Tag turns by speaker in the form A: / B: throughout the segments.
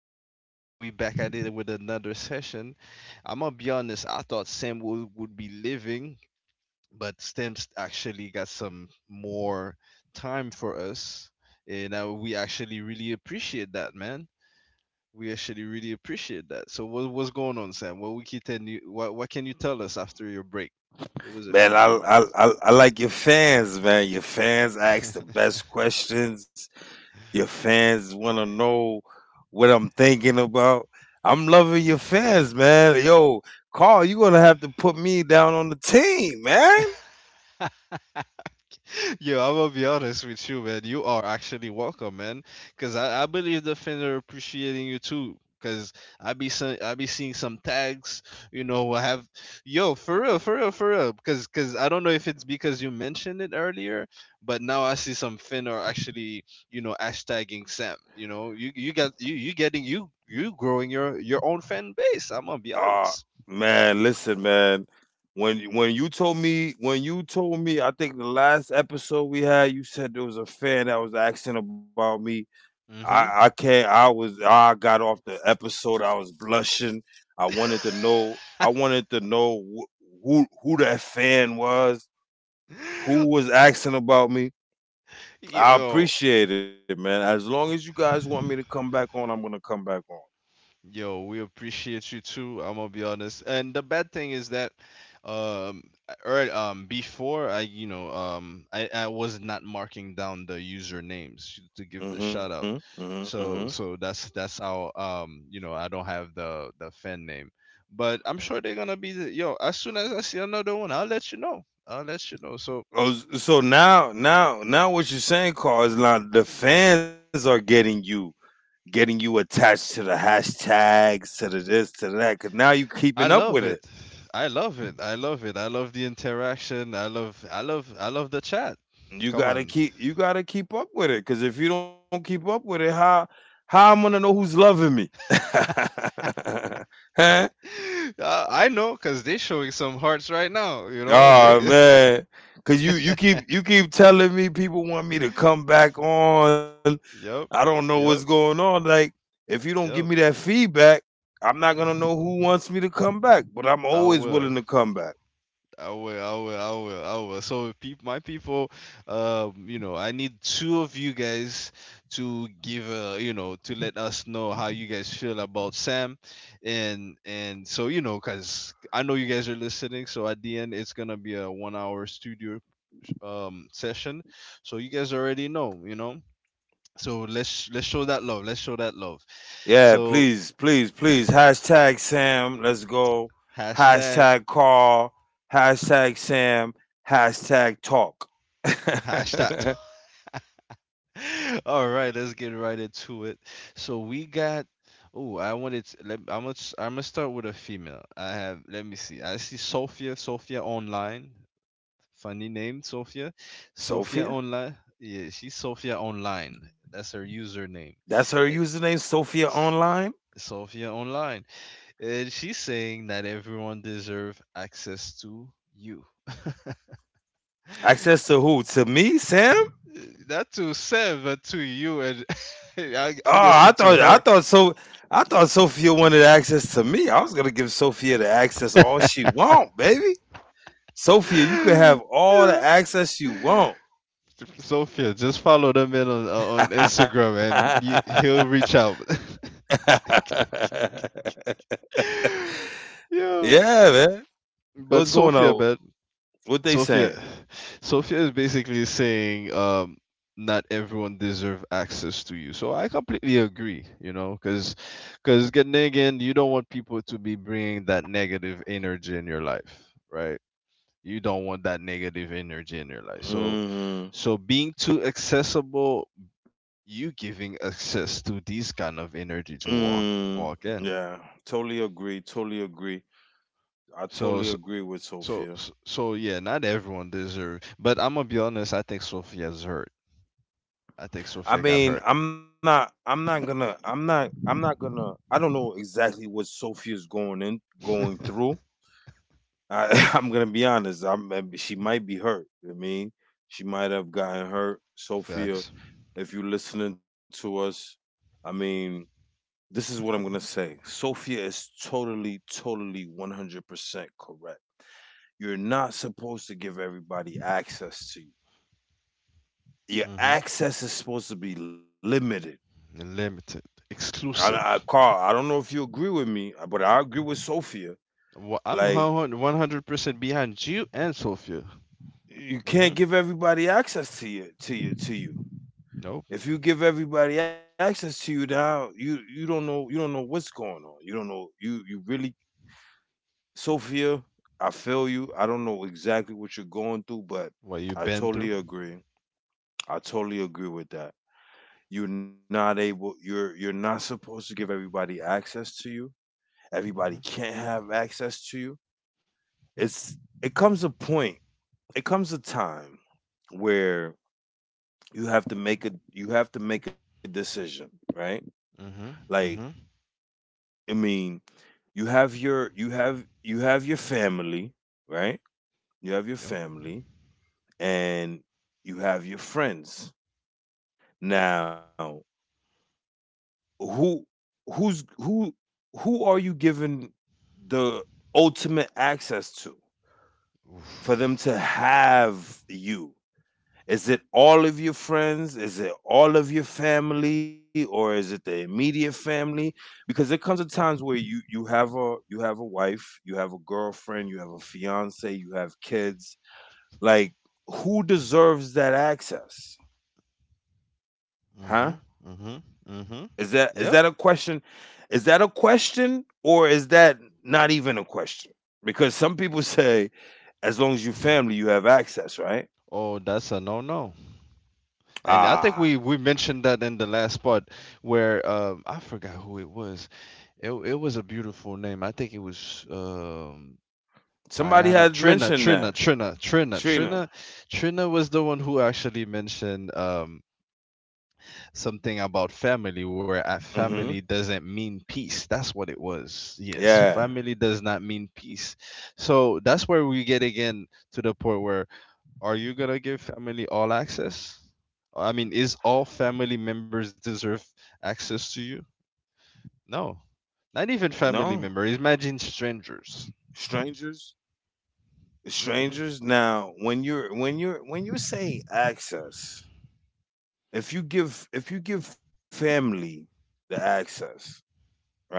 A: again. We back at it with another session. I'm gonna be honest, I thought Sam would be leaving, but Stem's actually got some more time for us. And we actually really appreciate that, man. We actually really appreciate that. So what's going on, Sam? What can you tell us after your break? It was a
B: Man, I,
A: 50
B: I I I like your fans, man. Your fans ask the
A: minutes.
B: best questions. Your fans want to know what I'm thinking about. I'm loving your fans, man. Yo, Carl, you gonna have to put me down on the team, man.
A: Yo, I will be honest with you, man. You are actually welcome, man. Cause I believe the fans are appreciating you too. Cause I be seeing some tags, you know. I have yo for real, for real, for real. Cause I don't know if it's because you mentioned it earlier, but now I see some Finn are actually you know hashtagging Sam. You know, you got you getting you growing your own fan base. I'm gonna be
B: Ah,
A: honest.
B: man, listen, man. When you told me when you told me, I think the last episode we had, you said there was a fan that was asking about me. I
A: Mm-hmm.
B: can't. I was. I got off the episode. I was blushing. I wanted to know. I wanted to know who that fan was. Who was asking about me? I
A: Yo,
B: appreciate it, man. As long as you guys want me to come back on, I'm gonna come back on.
A: Yo, we appreciate you too. I'm gonna be honest. And the bad thing is that, um, or before I, you know, I was not marking down the usernames to give the
B: Mm-hmm.
A: shout out.
B: Mm-hmm. Mm-hmm.
A: So that's how you know, I don't have the fan name. But I'm sure they're gonna be the, yo. As soon as I see another one, I'll let you know. I'll let you know. So
B: So now, what you're saying, Carl, is now the fans are getting you attached to the hashtags, to the this, to the that, because now you keeping
A: I
B: up
A: love
B: with it.
A: it. I love it. I love it. I love the interaction. I love I love the chat.
B: You
A: Come
B: gotta
A: on.
B: keep you gotta keep up with it. Cause if you don't keep up with it, how I'm gonna know who's loving me? Huh?
A: I know, cause they showing some hearts right now. You know
B: Oh
A: they.
B: man. Cause you keep telling me people want me to come back on. I
A: yep,
B: don't know what's
A: yep,
B: going on. Like, if you don't give me
A: yep.
B: that feedback, I'm not gonna know who wants me to come back. But I'm
A: I
B: always
A: will.
B: willing to come back.
A: I will. I will. I will. I will. So, peop my people, you know, I need two of you guys to give, you know, to let us know how you guys feel about Sam, and you know, cause I know you guys are listening. So at the end, it's gonna be a one-hour studio session. So you guys already know, you know. So let's show that love. Let's show that love.
B: Yeah,
A: So
B: please, please, please. Hashtag Sam, let's go.
A: hashtag
B: Hashtag Carl. Hashtag Sam. Hashtag talk.
A: hashtag. All right, let's get right into it. So we got. Oh, I wanted. I'm gonna I'm gonna start with a female. I have. Let me see. I see Sophia. Sophia online. Funny name, Sophia. Sophia
B: Sophia?
A: online. Yeah, she's Sophia online. That's her username.
B: That's her
A: It's
B: username, Sophia Online?
A: Sophia online, and she's saying that everyone deserves access to you.
B: Access
A: S-
B: to who? To me, Sam?
A: uh, Not to Sam, but to you, and
B: Oh,
A: I'm
B: I
A: guessing to
B: thought I
A: her.
B: thought so I thought Sophia wanted access to me. I was gonna give Sophia the access all she want, baby. Sophia, you could have all the access you want.
A: Sophia, just follow the man on Instagram, and he'll reach out. Yo,
B: Yeah, man. What's
A: but
B: going
A: Sophia,
B: on?
A: man,
B: What they
A: Sophia,
B: saying?
A: Sophia is basically saying, not everyone deserve access to you. So I completely agree, you know, because again, you don't want people to be bringing that negative energy in your life, right? You don't want that negative energy in your life. So
B: Mm,
A: so being too accessible, you giving access to these kind of energy to walk
B: mm,
A: walk in.
B: yeah, totally agree. Totally agree. I
A: So
B: totally
A: so
B: agree with
A: so,
B: Sophia.
A: so yeah, not everyone deserve. But I'm gonna be honest, I think Sophia's hurt. I think
B: I
A: Sofia got
B: mean,
A: hurt.
B: I'm not gonna, I'm not gonna. I don't know exactly what Sophia's going through. I, I'm gonna be honest. She might be hurt. I mean, she might have gotten hurt. Sophia,
A: Facts.
B: if you're listening to us, I mean, this is what I'm going to say. Sophia is totally, totally 100% correct. You're not supposed to give everybody access to you. Your
A: Mm-hmm.
B: access is supposed to be limited.
A: Limited. Exclusive.
B: Carl, I don't know if you agree with me, but I agree with Sophia.
A: I'm
B: Like,
A: 100% behind you and Sofia.
B: you can't
A: Mm-hmm.
B: give everybody access to you.
A: Nope.
B: If you give everybody access to you now, you don't know what's going on. You don't know you you really Sophia, I feel you. I don't know exactly what you're going through, but
A: What you've
B: I
A: been
B: totally
A: through.
B: agree. I totally agree with that. You're you're not supposed to give everybody access to you. Everybody
A: Mm-hmm.
B: can't have access to you. It's it comes a point, it comes a time where you have to make a you have to make a decision, right?
A: Mm-hmm.
B: Like
A: Mm-hmm.
B: I mean, you have you have your family, right? You have your
A: Yep.
B: family and you have your friends. Now, who who who are you giving the ultimate access to
A: Oof.
B: for them to have you? Is it all of your friends? Is it all of your family, or is it the immediate family? Because there comes a times where you have a you have a wife, you have a girlfriend, you have a fiance, you have kids. Like who deserves that access? Huh?
A: Mm-hmm. Mm-hmm.
B: Is
A: Mm-hmm.
B: that is that a
A: Yep.
B: question? Is that a question, or is that not even a question? Because some people say, as long as you family, you have access, right?
A: Oh, that's a no-no. And I think
B: Ah,
A: we mentioned that in the last part where I forgot who it was. It was a beautiful name. I think it was
B: somebody
A: Tayana,
B: had
A: Trina,
B: mentioned
A: Trina,
B: that
A: Trina, Trina,
B: Trina.
A: Trina, Trina was the one who actually mentioned something about family, where at
B: Hmm.
A: family doesn't mean peace. That's what it was. Yes,
B: Yeah.
A: family does not mean peace. So that's where we get again to the point where are you gonna give family all access? I mean, is all family members deserve access to you? No, not even
B: No,
A: family members. Imagine strangers.
B: strangers,
A: Mm-mm.
B: strangers. Now, when you're saying access, if you give family the access, right?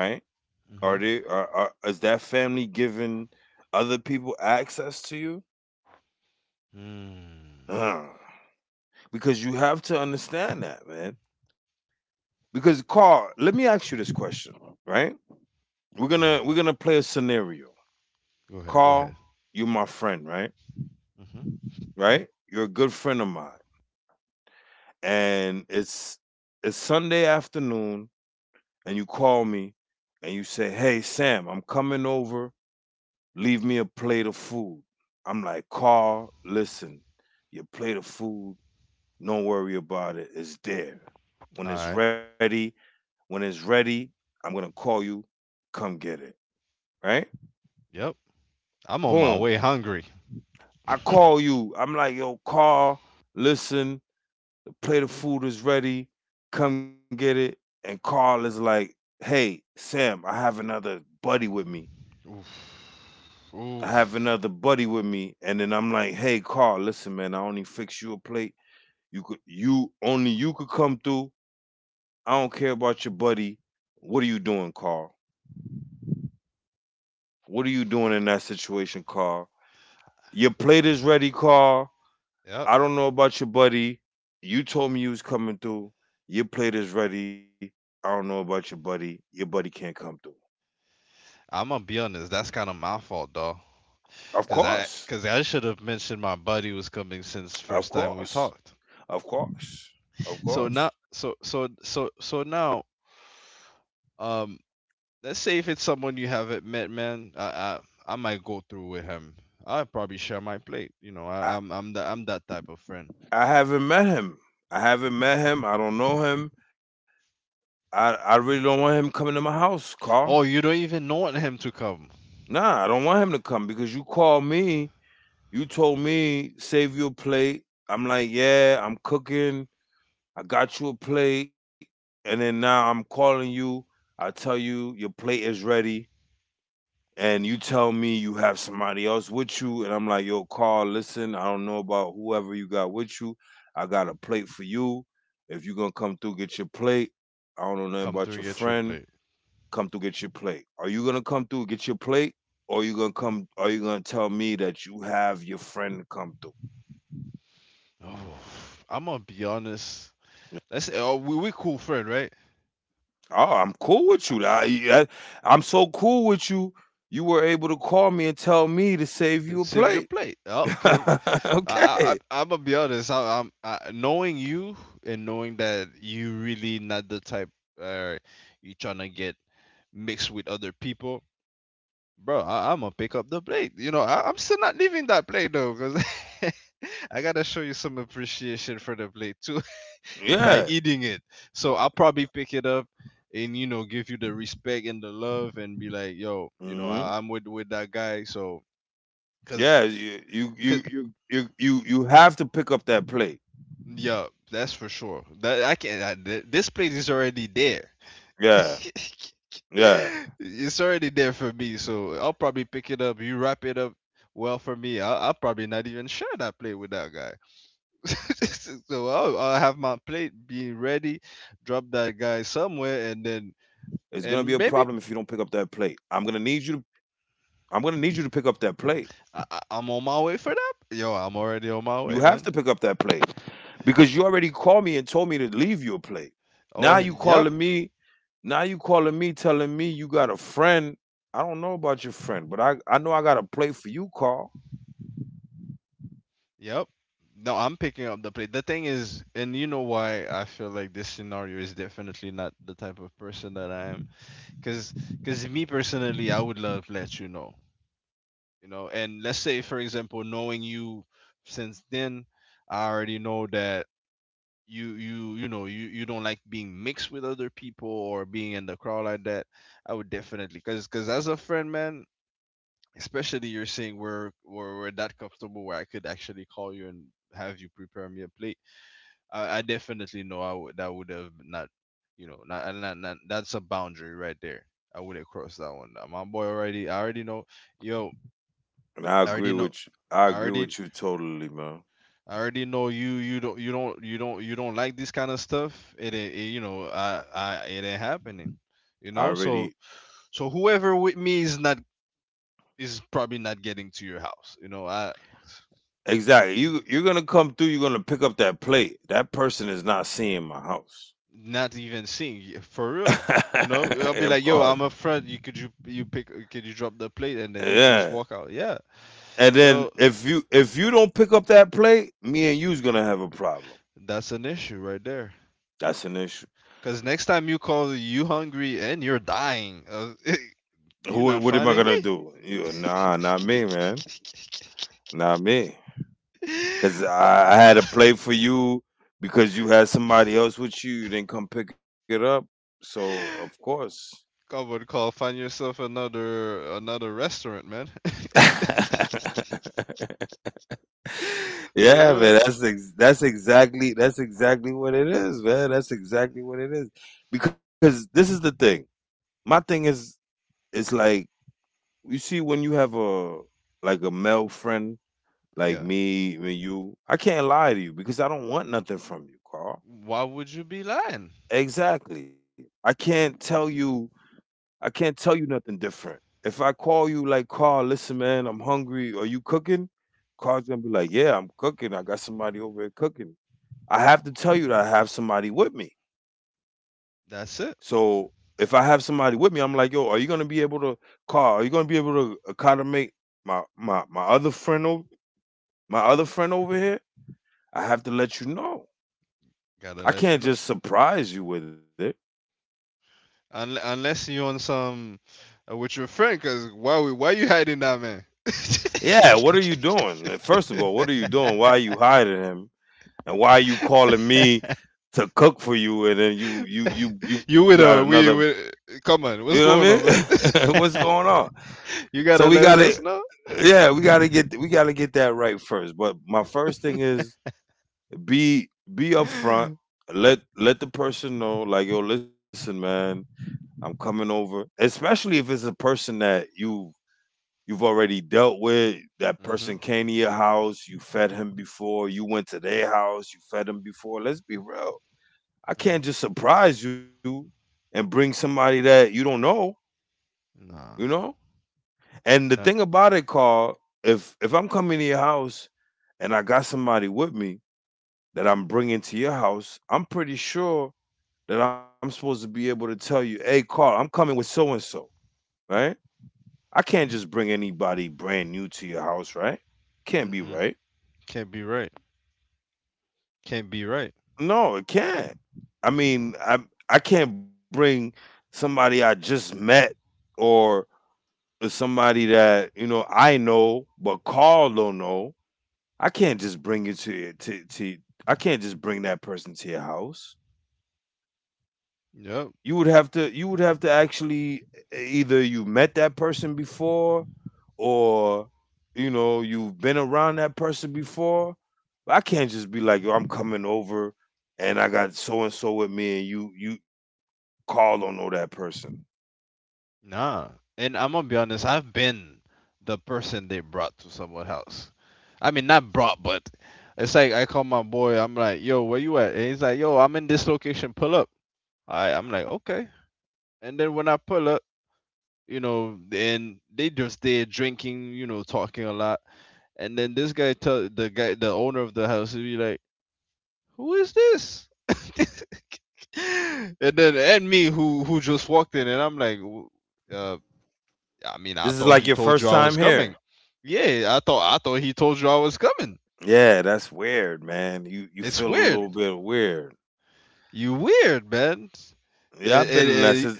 B: Are
A: Mm-hmm.
B: they are is that family giving other people access to you?
A: Mm.
B: Ugh. Because you have to understand that, man. Because Carl, let me ask you this question, right? We're
A: Go ahead.
B: gonna we're gonna play a scenario.
A: Go ahead. Go ahead.
B: Carl, you're my friend, right?
A: Mhm.
B: Right? You're a good friend of mine. And it's Sunday afternoon and you call me and you say, Hey Sam, I'm coming over. Leave me a plate of food. I'm like, Carl, listen, your plate of food Don't worry about it. It's there.
A: All
B: When it's
A: right.
B: ready, when it's ready, I'm gonna call you. Come get it. Right?
A: Yep. I'm on my
B: Boom.
A: way hungry.
B: I call you. I'm like, yo, Carl, listen, the plate of food is ready. Come get it. And Carl is like, hey, Sam, I have another buddy with me.
A: Oof.
B: I have
A: Oof.
B: another buddy with me. And then I'm like, hey, Carl, listen, man, I only fix you a plate. You could come through. I don't care about your buddy. What are you doing, Carl? What are you doing in that situation, Carl? Your plate is ready, Carl.
A: Yep.
B: I don't know about your buddy. You told me you was coming through. Your plate is ready. I don't know about your buddy. Your buddy can't come through.
A: I'm gonna be honest. That's kind of my fault, dog.
B: Of
A: Cause I,
B: course.
A: cause I should have mentioned my buddy was coming since
B: Of
A: first time we
B: course.
A: talked.
B: Of course. Of
A: So now,
B: course.
A: so so so so now, um, let's say if it's someone you haven't met, man, I might go through with him. I probably share my plate. You know,
B: I,
A: I'm I'm that type of friend.
B: I haven't met him. I haven't met him. I don't know him. I really don't want him coming to my house, Carl.
A: Oh, you don't even want him to come.
B: Nah, I don't want him to come because you told me save you a plate. I'm like, yeah, I'm cooking. I got you a plate, and then now I'm calling you. I tell you your plate is ready, and you tell me you have somebody else with you, and I'm like, yo, Carl, listen, I don't know about whoever you got with you. I got a plate for you. If you gonna come through, get your plate. I don't know nothing about your
A: Come through, and
B: friend.
A: get your plate.
B: Come through, get your plate. Are you gonna come through, get your plate, or you gonna come? Are you gonna tell me that you have your friend to come through?
A: Oh, I'm gonna be honest. Let's oh, we cool friend, right?
B: Oh, I'm cool with you.
A: Uh,
B: I am so cool with you. You were able to call me and tell me to save you a
A: Save your
B: plate.
A: plate. Okay. I I
B: Okay.
A: I'm gonna be honest. I, knowing you and knowing that you really not the type uh you trying to get mixed with other people, bro. I'm gonna pick up the plate. You know, I'm still not leaving that plate though, cause I gotta show you some appreciation for the plate too. By
B: Yeah.
A: eating it. So I'll probably pick it up and you know give you the respect and the love and be like, yo, you know,
B: Hmm.
A: I'm with that guy. So cause,
B: Yeah. You you
A: cause
B: you you you you you have to pick up that plate.
A: yeah, that's for sure. That I can. This plate is already there.
B: Yeah. Yeah.
A: It's already there for me. So I'll probably pick it up. You wrap it up. Well, for me,
B: Y-
A: I'll
B: You
A: probably
B: have to
A: not
B: pick
A: even
B: up
A: share
B: that
A: that
B: plate.
A: plate with
B: If you
A: that
B: don't
A: guy.
B: pick up that plate, it is gonna be
A: So
B: it's gonna
A: I'll
B: be
A: have
B: a
A: my plate
B: problem.
A: being ready,
B: It's gonna
A: drop
B: be a
A: that guy
B: problem if you don't pick
A: somewhere,
B: up
A: and
B: that
A: then
B: plate.
A: and maybe
B: I'm gonna need you to pick up that plate.
A: I'm on my way for that. Yo, I'm
B: You
A: already
B: have
A: on
B: to
A: my
B: pick
A: way,
B: up that
A: man.
B: plate because you already called me and told me to leave your plate. Now
A: Oh,
B: you
A: yep,
B: calling me. Now you calling me, telling me you got a friend. I don't know about your friend, but I know I got a plate for you, Carl.
A: yep. No, I'm picking up the plate. The thing is, and you know why I feel like this scenario is definitely not the type of person that I am. Cause, cause me personally, I would love let you know, you know. And let's say, for example, knowing you since then, I already know that you know, you don't like being mixed with other people or being in the crowd like that. I would definitely, cause, cause as a friend, man, especially you're saying we're that comfortable where I could actually call you and have you prepare me a plate. I definitely know I would that would have not, you know, not that's a boundary right there. I wouldn't cross that one. My boy already, I already know, yo,
B: And I
A: I already
B: agree
A: know,
B: with you. I
A: I
B: agree
A: already.
B: with you totally, man.
A: I already know you. You don't. You don't. You don't. You don't like this kind of stuff. It it you know. I. I. It ain't happening.
B: I
A: You know.
B: already
A: So. So whoever with me is not. Is probably not getting to your house. You know. I.
B: exactly. You you're gonna come through. You're gonna pick up that plate. That person is not seeing my house.
A: Not even seeing for real. You know,
B: Of
A: I'll be
B: course.
A: like, "Yo, I'm up front. You pick? Could you drop the plate?" And then you
B: Yeah.
A: just walk out. Yeah.
B: And then
A: So
B: if you don't pick up that plate, me and you's gonna have a problem.
A: that's an issue right there.
B: That's an issue.
A: Cause next time you call, you hungry and you're dying. You're
B: Who?
A: not
B: What am I
A: finding
B: gonna
A: me.
B: do? You, nah, not me, man. Not me. Cause
A: Co-
B: I had a plate for you because you had somebody else with you. You didn't come pick it up. So of course.
A: Come on, call. Find yourself another restaurant, man.
B: Yeah,
A: For
B: man.
A: real.
B: That's exactly that's exactly what it is, man. That's exactly what it is. Because this is the thing. My thing is, it's like you see, when you have a like a male friend
A: Yeah.
B: like me when you, I can't lie to you because I don't want nothing from you, Carl.
A: Why would you be lying?
B: Exactly. I can't tell you. I can't tell you nothing different. If I call you like Carl, listen, man, I'm hungry. Are you cooking? Carl's gonna be like, Yeah, I'm cooking. I got somebody over here cooking. I have to tell you that I have somebody with me.
A: That's it.
B: So if I have somebody with me, I'm like, Yo, are you gonna be able to, Carl? Are you gonna be able to accommodate my other friend over? My other friend over here, I have to let you know.
A: Gotta
B: I
A: let you
B: can't
A: know.
B: just surprise you with it.
A: Unless you on some with your friend, cause why you hiding that man?
B: Yeah, what are you doing? First of all, what are you doing? Why are you hiding him? And why are you calling me to cook for you? And then you got
A: You with her?
B: another.
A: We with?
B: You
A: Come
B: know
A: on,
B: what
A: what's going on, man?
B: I mean? What's going on?
A: You
B: So we
A: gotta let
B: gotta
A: us know.
B: yeah, we gotta get that right first. But my first thing is be be upfront.
A: Mhm.
B: Let the person know, like yo, listen, man, I'm coming over. Especially if it's a person that you you've already dealt with. That person came to your house, you fed him before, you went to their house, you fed him before. Let's be real. I
A: Mhm.
B: can't just surprise you and bring somebody that you don't know,
A: Nah,
B: you know? And the
A: not.
B: thing about it, Carl, if I'm coming to your house and I got somebody with me that I'm bringing to your house, I'm pretty sure that I'm supposed to be able to tell you, hey, Carl, I'm coming with so and so, right? I can't just bring anybody brand new to your house, right? Can't be
A: Mm-mm.
B: right.
A: Can't be right. Can't be right.
B: No, it can't. I mean, I can't bring somebody I just met or somebody that you know I know but Carl don't know. I can't just bring you to your- to to. I can't just bring that person to your house.
A: Yep.
B: You would have to actually either you met that person before or you know you've been around that person before. But I can't just be like, yo, I'm coming over and I got so and so with me and you call don't know that person.
A: Nah. And I'm gonna be honest, I've been the person they brought to someone else. I mean not brought, but it's like I call my boy, I'm like, yo, where you at? And he's like, yo, I'm in this location, pull up. I'm like, okay. And then when I pull up, you know, and they just there drinking, you know, talking a lot. And then this guy tell the guy the owner of the house he be like, who is this? And then and me who just walked in and I'm like uh, I mean,
B: This
A: I
B: is like
A: thought
B: your
A: he told
B: first
A: you I
B: time
A: was
B: here.
A: coming. Yeah, I thought he told you I was coming.
B: Yeah, that's weird, man. You
A: It's
B: feel a
A: weird.
B: little bit weird.
A: You weird, man.
B: Yeah, I've been
A: It,
B: in that
A: it,
B: si-
A: it,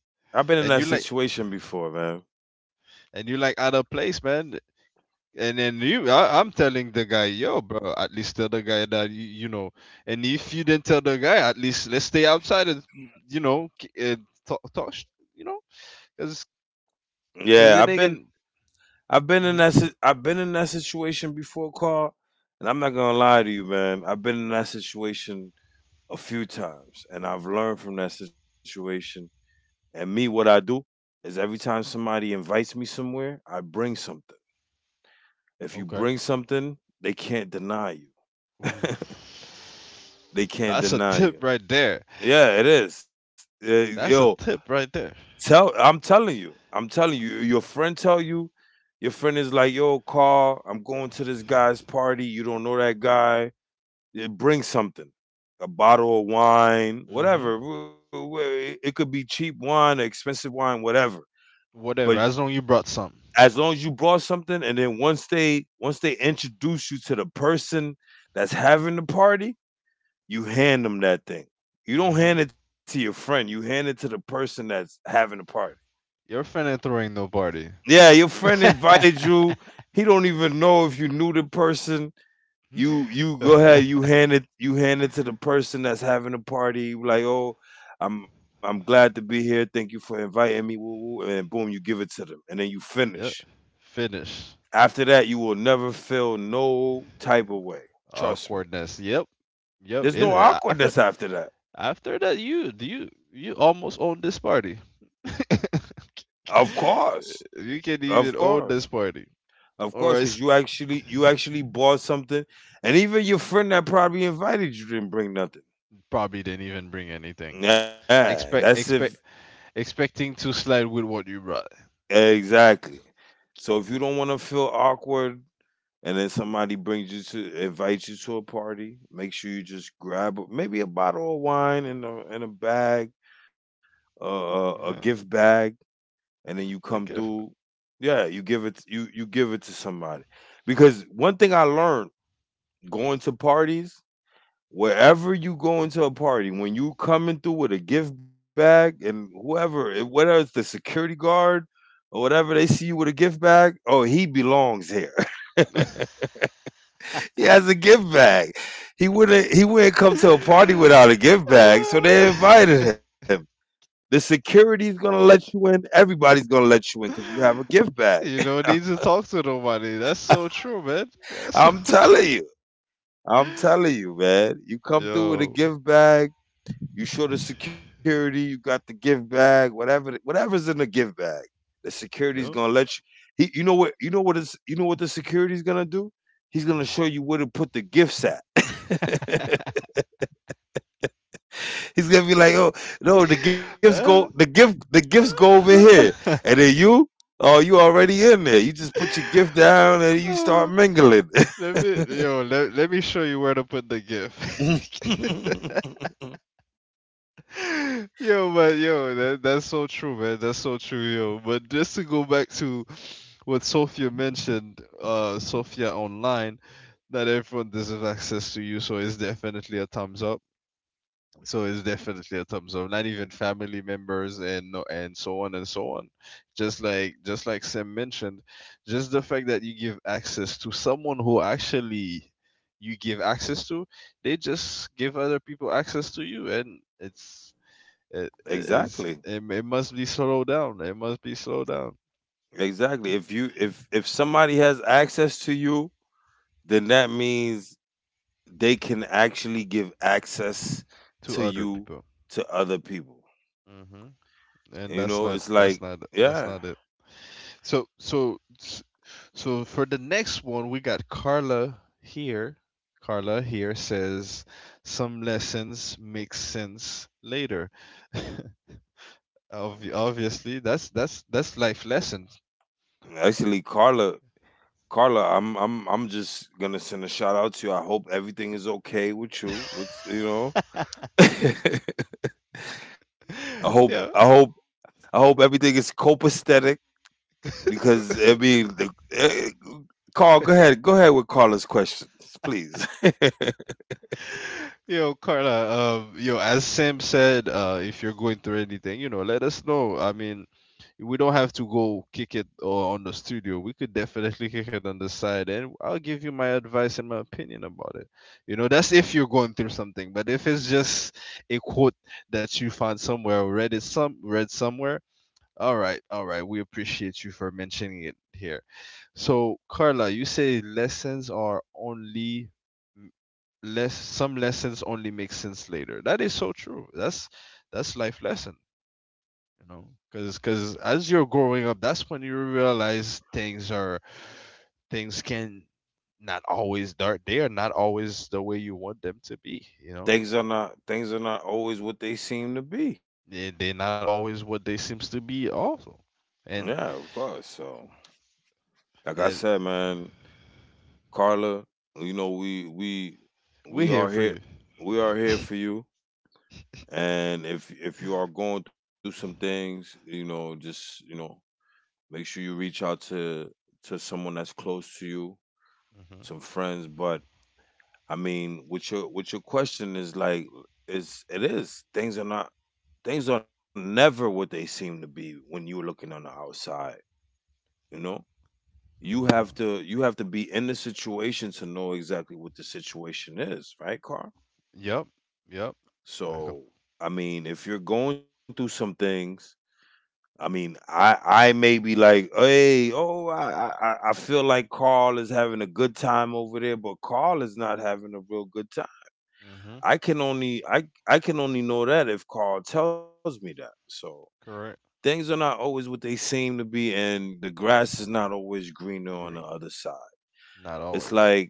B: I've been in that
A: and you like
B: situation before, man.
A: and you like out of place, man. And then I'm telling the guy, yo, bro. At least tell the guy that you know. And if you didn't tell the guy, at least let's stay outside and you know, talk, talk, sh- you know, because
B: Yeah,
A: because
B: I've
A: then
B: been
A: again, hmm.
B: I've been in that situation before, Carl, and I'm not gonna lie to you, man. I've been in that situation a few times, and I've learned from that situation. And me, what I do is every time somebody invites me somewhere, I bring something. If you
A: Okay.
B: bring something, they can't deny you.
A: Ooh.
B: They can't
A: That's a
B: deny
A: tip
B: you.
A: right there.
B: Yeah, it is. Yo,
A: That's a tip right there.
B: Tell I'm telling you. I'm telling you. Your friend is like, yo, Carl, I'm going to this guy's party. You don't know that guy. Yeah, bring something. A bottle of wine,
A: Hmm.
B: whatever. It could be cheap wine, expensive wine, whatever. But
A: Whatever, as long you brought some.
B: as long as you brought something, and then once they introduce you to the person that's having the party, you hand them that thing. You don't
A: Hmm.
B: hand it to your friend. You hand it to the person that's having the party.
A: You're finna throwing no party.
B: Yeah, your friend invited you. He don't even know if you knew the person. You go ahead. You hand it. You hand it to the person that's having a party. You like, oh, I'm glad to be here. Thank you for inviting me. Woo, woo. And boom, you give it to them, and then you
A: Yep.
B: finish.
A: Finish.
B: After that, you will never feel no type of way. Trust me.
A: Awkwardness. Yep. Yep.
B: There's no
A: It, after
B: awkwardness after that.
A: after that, you almost own this party.
B: Of course,
A: You can't
B: of
A: even own
B: course,
A: this party.
B: of course,
A: Or
B: because
A: else
B: you actually bought something, and even your friend that probably invited you didn't bring nothing.
A: probably didn't even bring anything.
B: Yeah, that's
A: Expect
B: if
A: expect expecting to slide with what you brought.
B: Exactly. So if you don't want to feel awkward, and then somebody brings you to invite you to a party, make sure you just grab a- maybe a bottle of wine in a bag, a gift
A: Yeah.
B: bag, and then you come through. Yeah, you give it to somebody because one thing I learned going to parties wherever you go into a party, when you coming through with a gift bag and whoever, it- whether it's the security guard or whatever, they see you with a gift bag. Oh, he belongs here. He has a gift bag. He wouldn't. He wouldn't come to a party
A: Okay.
B: without a gift bag. So they invited him. The security's gonna let you in. Everybody's gonna let you in because you have a gift bag.
A: You don't need to talk to nobody. That's so true, man. That's so
B: I'm
A: true.
B: telling you. I'm telling you, man. You come through with a
A: Yo,
B: gift bag. You show the security, you got the gift bag, whatever, the- whatever's in the gift bag. The security's
A: yo.
B: gonna let you. He, you know what? You know what is? You know what the security's gonna do? He's gonna
A: Mm.
B: show you where to put the gifts at. He's gonna be like, oh no,
A: Uh,
B: the gifts go over here,
A: uh,
B: and then you, oh, you already in there. You just put your gift down and you start
A: uh,
B: mingling.
A: let me, yo, let, let me show you where to put the gift. Yo, but yo, that's so true, man. That's so true, yo. But just to go back to what Sophia mentioned, Sophia online, not everyone deserves access to you, so it's definitely a thumbs up. So it's definitely a thumbs up, not even family members, and no, and so on and so on. Just like Sam mentioned, just the fact that you give access to someone who actually you give access to, they just give other people access to you, and it's it, it
B: exactly,
A: is it, it must be slowed down. It must be slowed down
B: exactly. If somebody has access to you, then that means they can actually give access
A: to
B: to
A: other
B: you
A: people.
B: to other people.
A: Hmm.
B: You know,
A: And
B: it's like, yeah,
A: that's not it. So so so, for the next one, we got Carla here. Carla here says some lessons make sense later. Obviously, that's life lessons.
B: actually, Carla, Carla, I'm just gonna send a shout out to you. I hope everything is okay with you. With you know, I hope, I
A: Yeah,
B: hope, I hope everything is copacetic because I mean, the, uh, Carl, go ahead with Carla's questions, please.
A: yo, Carla. Yo, as Sam said, if you're going through anything, let us know. I mean, we don't have to go kick it or on the studio. We could definitely kick it on the side, and I'll give you my advice and my opinion about it. That's if you're going through something. But if it's just a quote that you found somewhere or read somewhere, all right, we appreciate you for mentioning it here. So, Carla, you say lessons are only less some lessons only make sense later. That is so true. That's life lesson. You know because because as you're growing up, that's when you realize things are things can not always they are not always the way you want them to be.
B: Things are not always what they seem to be.
A: They're not always what they seems to be also. and
B: Yeah, of course. So, like I
A: and
B: said, man, Carla, you know
A: we are
B: we
A: here
B: are
A: for
B: here.
A: you.
B: We are here for you. And if you are going through some things, you know, just you know, make sure you reach out to someone that's close to you,
A: Hmm.
B: some friends. But I mean, with your question is like is it is things are not things are never what they seem to be when you're looking on the outside. You know,
A: Hmm.
B: you have to be in the situation to know exactly what the situation is, right, Carl?
A: Yep. Yep. Like a,
B: So I mean, if you're going through some things I mean, I may be like, hey, oh, I feel like Carl is having a good time over there, but Carl is not having a real good time.
A: hmm.
B: I can only know that if Carl tells me that. So
A: Correct.
B: things are not always what they seem to be, and the grass is not always greener on the
A: Green.
B: other side.
A: Not
B: It's
A: always.
B: like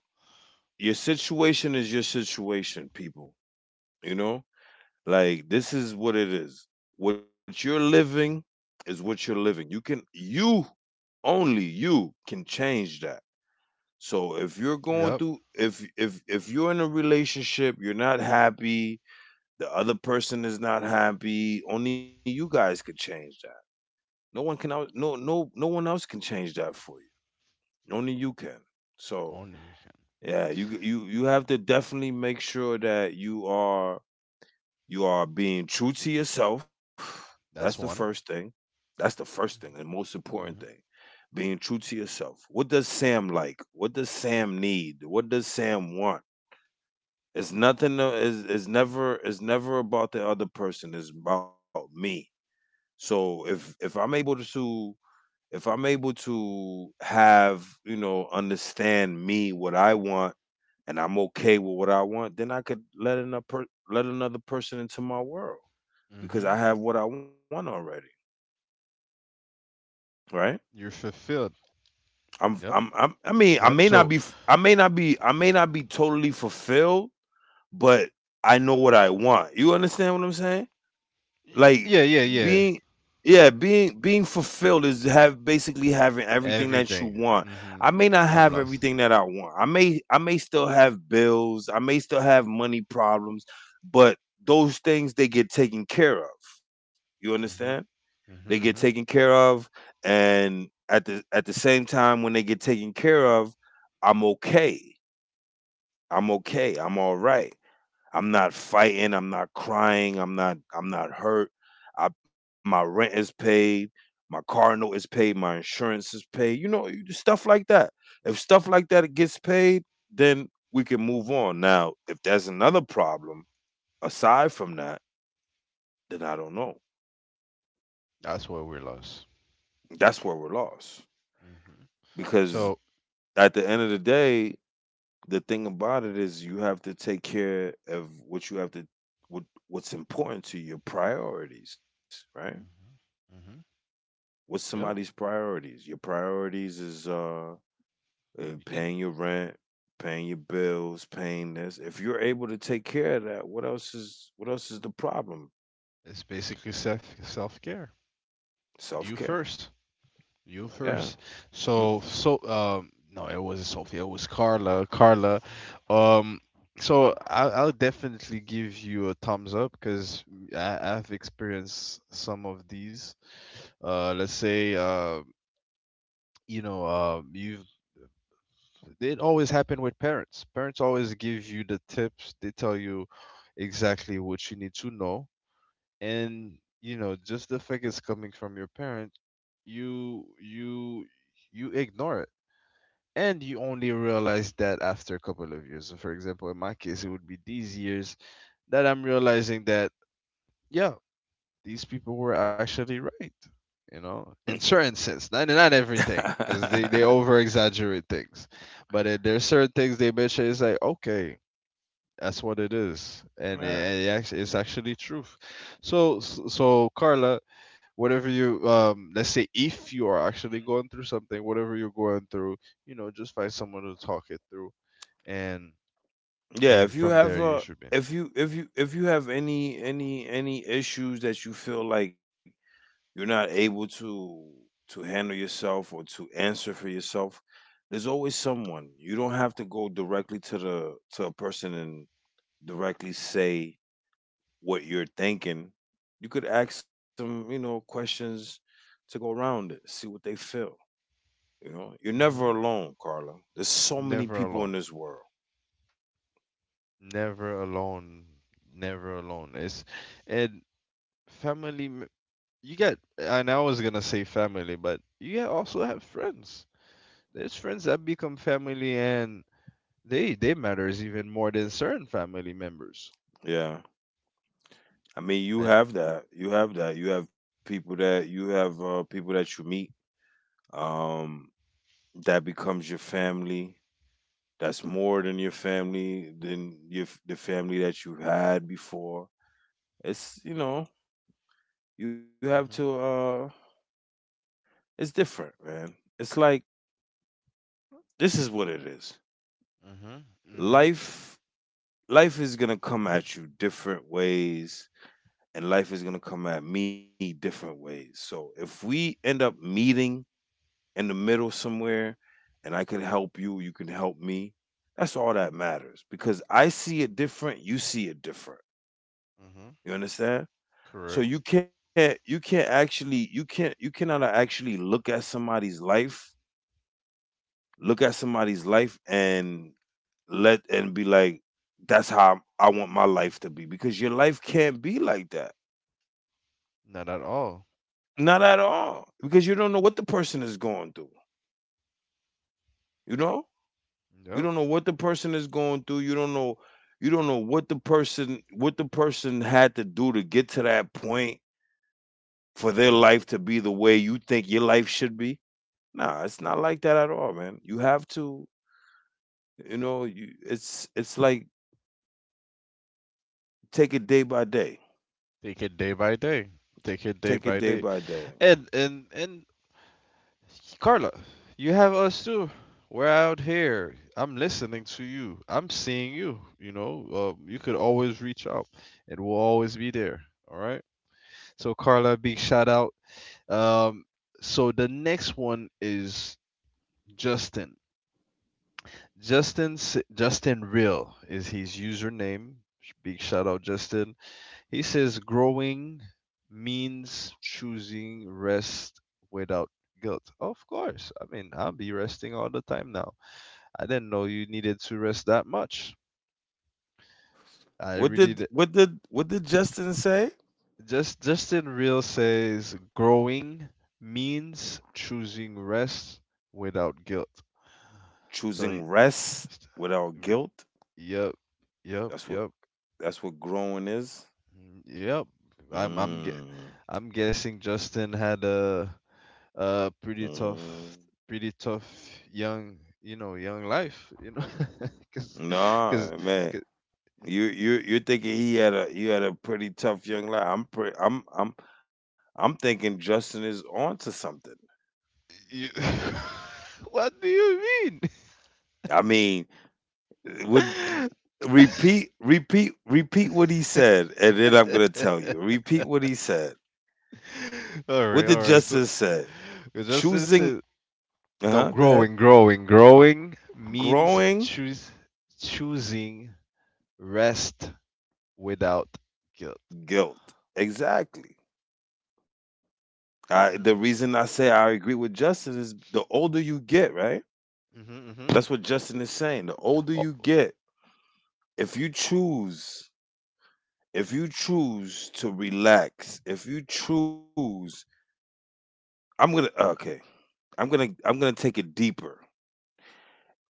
B: your situation is your situation, people. You know, like this is what it is. What you're living is what you're living. You can you only you can change that. So if you're going
A: Yep.
B: through if if you're in a relationship, you're not happy, the other person is not happy, only you guys could change that. No one else can change that for you. Only you can. So
A: Only we can.
B: yeah, you have to definitely make sure that you are you are being true to yourself. That's the
A: That's
B: first
A: one.
B: thing. That's the first thing and the most important
A: Hmm.
B: thing. Being true to yourself. What does Sam like? What does Sam need? What does Sam want? It's never about the other person. It's about me. So if I'm able to if I'm able to have, you know, understand me what I want and I'm okay with what I want, then I could let let another person into my world because
A: Hmm.
B: I have what I want already,
A: You're
B: right?
A: fulfilled. Yep.
B: I'm, I'm, I'm
A: Yep.
B: I mean,
A: So,
B: I may not be totally fulfilled, but I know what I want. You understand what I'm saying?
A: Y-
B: Like
A: Yeah, yeah, yeah.
B: yeah, being fulfilled is have basically having everything that you
A: Everything.
B: want.
A: Hmm.
B: I may not
A: I'm
B: have
A: lost.
B: everything that I want. I may still have bills. I may still have money problems, but those things they get taken care of. You understand?
A: Hmm.
B: They get
A: Hmm.
B: taken
A: Hmm.
B: care of, and at the same time, when they get taken care of, I'm okay. I'm okay. I'm all right. I'm not fighting. I'm not crying. I'm not. I'm not hurt. I, my rent is paid. My car note is paid. My insurance is paid. You know, you- stuff like that. If stuff like that gets paid, then we can move on. Now, if there's another problem aside from that, then I don't know.
A: That's why we're lost.
B: That's where we're lost
A: Hmm.
B: because
A: So,
B: at the end of the day, the thing about it is you have to take care of what you have to what's important to you? Your priorities, right?
A: hmm,
B: What's somebody's
A: yep,
B: priorities? Your priorities is
A: you can.
B: paying your rent, paying your bills, paying this. If you're able to take care of that, what else is the problem?
A: It's basically self care.
B: Self care.
A: You first. You
B: Yeah.
A: first.
B: Mm.
A: So, no, it wasn't Sophia. It was Carla. Carla. Um. So I'll definitely give you a thumbs up because I've experienced some of these. Let's say you know you've it always happened with parents. Parents always give you the tips. They tell you exactly what you need to know, and just the fact it's coming from your parent, you you you ignore it, and you only realize that after a couple of years. So for example, in my case, it would be these years that I'm realizing that yeah, these people were actually right, in certain sense, not everything, because they over exaggerate things, but there's certain things they mention is like okay, that's what it is, and
B: yeah.
A: it's actually truth. So, Carla, whatever you, let's say if you are actually going through something, whatever you're going through, just find someone to talk it through, and
B: Yeah, if you
A: from there
B: have
A: you
B: a
A: should be.
B: if you have any issues that you feel like you're not able to handle yourself or to answer for yourself, there's always someone. You don't have to go directly to the to a person and directly say what you're thinking. You could ask some, you know, questions to go around it, see what they feel. You know, you're never
A: Hmm.
B: alone, Carla. There's so many
A: Never
B: people in
A: alone.
B: this world.
A: Never alone. Never alone. It's and family. You get, and I was gonna say family, but you get also have friends. There's friends that become family, and they matters even more than certain family members.
B: Yeah. I mean, you
A: And
B: have that. You have that. You have people that you have people that you meet um, that becomes your family. That's more than your family than the family that you had before. It's you have to.
A: mhm,
B: It's different, man. It's like this is what it is.
A: mhm, mhm,
B: Life life is gonna come at you different ways, and life is gonna come at me different ways. So if we end up meeting in the middle somewhere and I can help you, you can help me. That's all that matters because I see it different, you see it different.
A: mhm.
B: You understand? So
A: Correct.
B: you can't actually you can't you cannot actually look at somebody's life, look at somebody's life and let and be like that's how I want my life to be because your life can't be like that.
A: Not at all.
B: Not at all because you don't know what the person is going through, you know? You
A: Yep.
B: don't know what the person is going through. You don't know what the person had to do to get to that point for their life to be the way you think your life should be. Nah, it's not like that at all, man. You have to, it's like take it day by day.
A: Take it day by day. Take
B: Take it
A: it day
B: day
A: by
B: by
A: day.
B: day.
A: And Carla, you have us too. We're out here. I'm listening to you. I'm seeing you. You could always reach out, and we'll always be there. All right. So, Carla, big shout out. Um, so the next one is Justin. Justin Real is his username. Big shout out, Justin. He says growing means choosing rest without guilt. Of course. I mean, I'll be resting all the time now. I didn't know you needed to rest that much. I
B: What
A: really
B: did
A: d-
B: what did what did Justin say?
A: Just Justin Real says growing means choosing rest without guilt. So,
B: Choosing rest
A: st-
B: without
A: re-
B: guilt.
A: yep, yep,
B: That's what
A: yep,
B: that's what growing is.
A: mm, yep. I'm I'm gue-
B: Mm,
A: I'm guessing Justin had a pretty
B: mm.
A: tough pretty tough young young life. because because
B: No, man, you're thinking he had a you had a pretty tough young life. I'm pretty. I'm thinking Justin is on to something.
A: you what do you mean?
B: I mean, would
A: All
B: repeat what he said, and then I'm gonna tell you. Repeat what he said. What did
A: right, all
B: Justin
A: right. So,
B: say?
A: it just
B: Choosing.
A: is,
B: Uh huh.
A: no,
B: Go ahead.
A: growing means
B: Growing
A: choose choosing rest without guilt.
B: guilt. Exactly. The reason
A: Hmm.
B: I say I agree with Justin is the older you get, right?
A: Mm-hmm, mm-hmm.
B: That's what Justin is saying. The older
A: Oh,
B: you get, if you choose, if you choose to relax, if you choose, I'm gonna okay, I'm gonna take it deeper.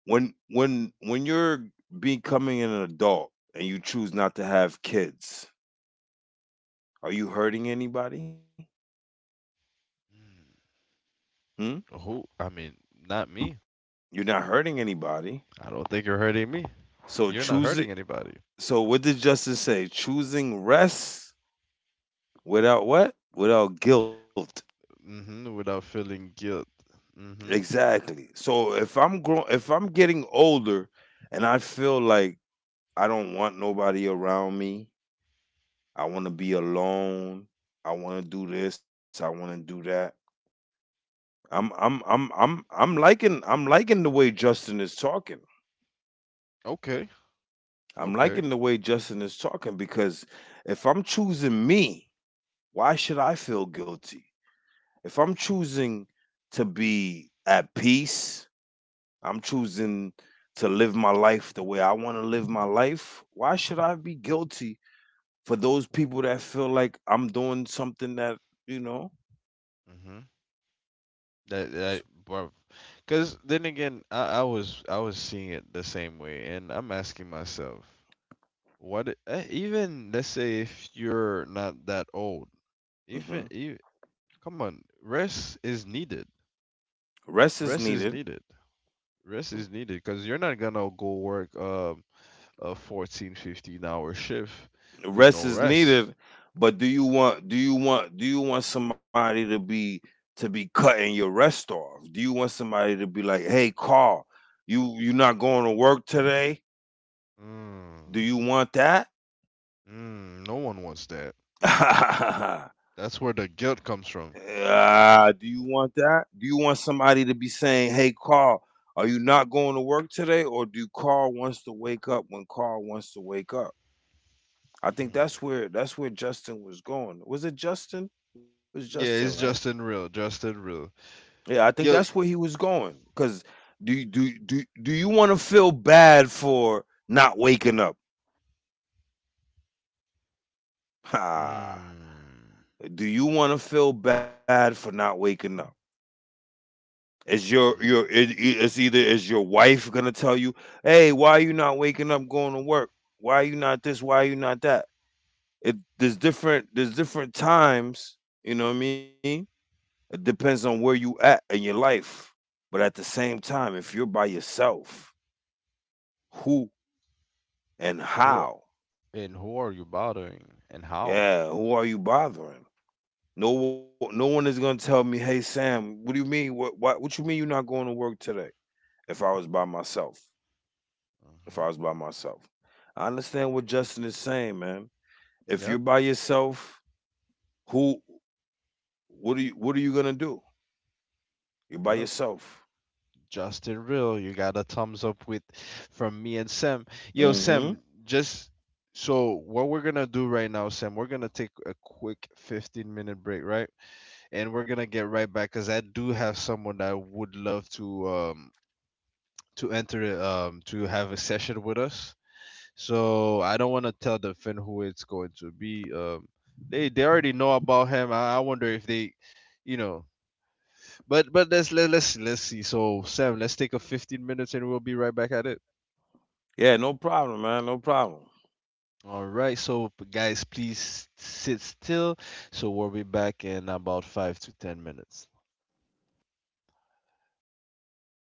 B: When you're becoming an adult and you choose not to have kids, are you hurting anybody? Hmm?
A: who? I mean, not me.
B: You're not
A: I don't
B: hurting
A: think you're hurting
B: anybody.
A: me. You're not hurting
B: So
A: anybody.
B: choose it. So what did justice say? Choosing rest without what? Without guilt.
A: Mm-hmm. Without feeling guilt. Mm-hmm.
B: Exactly. So if I'm getting older and I feel like I don't want nobody around me. I want to be alone. I want to do this. I want to do that. I'm liking the way Justin is talking.
A: Okay.
B: I'm
A: Okay.
B: liking the way Justin is talking because if I'm choosing me, why should I feel guilty? If I'm choosing to be at peace, I'm choosing to live my life the way I want to live my life, why should I be guilty for those people that feel like I'm doing something.
A: Mm-hmm. That bro. Cause then again, I was seeing it the same way, and I'm asking myself, even let's say if you're not that old, even
B: hmm
A: you, come on, rest is needed.
B: Rest is
A: Rest is
B: needed.
A: needed. Rest is needed because you're not gonna go work a 14, 15-hour shift with
B: Rest
A: no
B: is
A: rest.
B: needed. But do you want? Do you want? Do you want somebody to be cutting your rest off? Do you want somebody to be like, "Hey, Carl, you not going to work today?
A: Mm,
B: Do you want that?"
A: mm, no one wants that. That's where the guilt comes from.
B: Do you want that? Do you want somebody to be saying, "Hey, Carl, are you not going to work today?" Or do Carl wants to wake up when Carl wants to wake up? I think that's where Justin was going. Was it Justin? It was Justin,
A: Yeah,
B: right?
A: it's Justin Real, Justin Real.
B: Yeah, I think that's
A: Yo.
B: where he was going. Cause do you- do do do you want to feel bad for not waking up? Ha.
A: Mm.
B: Do you want to feel bad for not waking up? Is your
A: Mm.
B: it, it's either is your wife gonna tell you, "Hey, why are you not waking up going to work? Why are you not this? Why are you not that?" It there's different times. You know what I mean? It depends on where you at in your life. But at the same time, if you're by yourself, who and
A: Who are,
B: how?
A: who are you bothering and how?
B: Yeah, who are you bothering? No one is gonna tell me, "Hey, Sam, what do you mean? What you mean you're not going to work today?" If I was by myself, if I
A: Hmm.
B: was by myself. I understand what Justin is saying, man. If you're
A: Yep,
B: by yourself, who what are you gonna do? You're by
A: yep.
B: yourself.
A: Justin Real, you got a thumbs up with from me and Sam. Yo,
B: Mm-hmm.
A: Sam, just so what we're gonna do right now, Sam, we're gonna take a quick 15-minute break, right? And we're gonna get right back because I do have someone that would love to, to enter, to have a session with us. So I don't want to tell the fan who it's going to be. They already know about him. I wonder if they, you know. But let's see. So Sam, let's take a 15 minutes and we'll be right back at it.
B: Yeah, no problem, man. No problem.
A: All right. So guys, please sit still. So we'll be back in about 5 to 10 minutes. All right.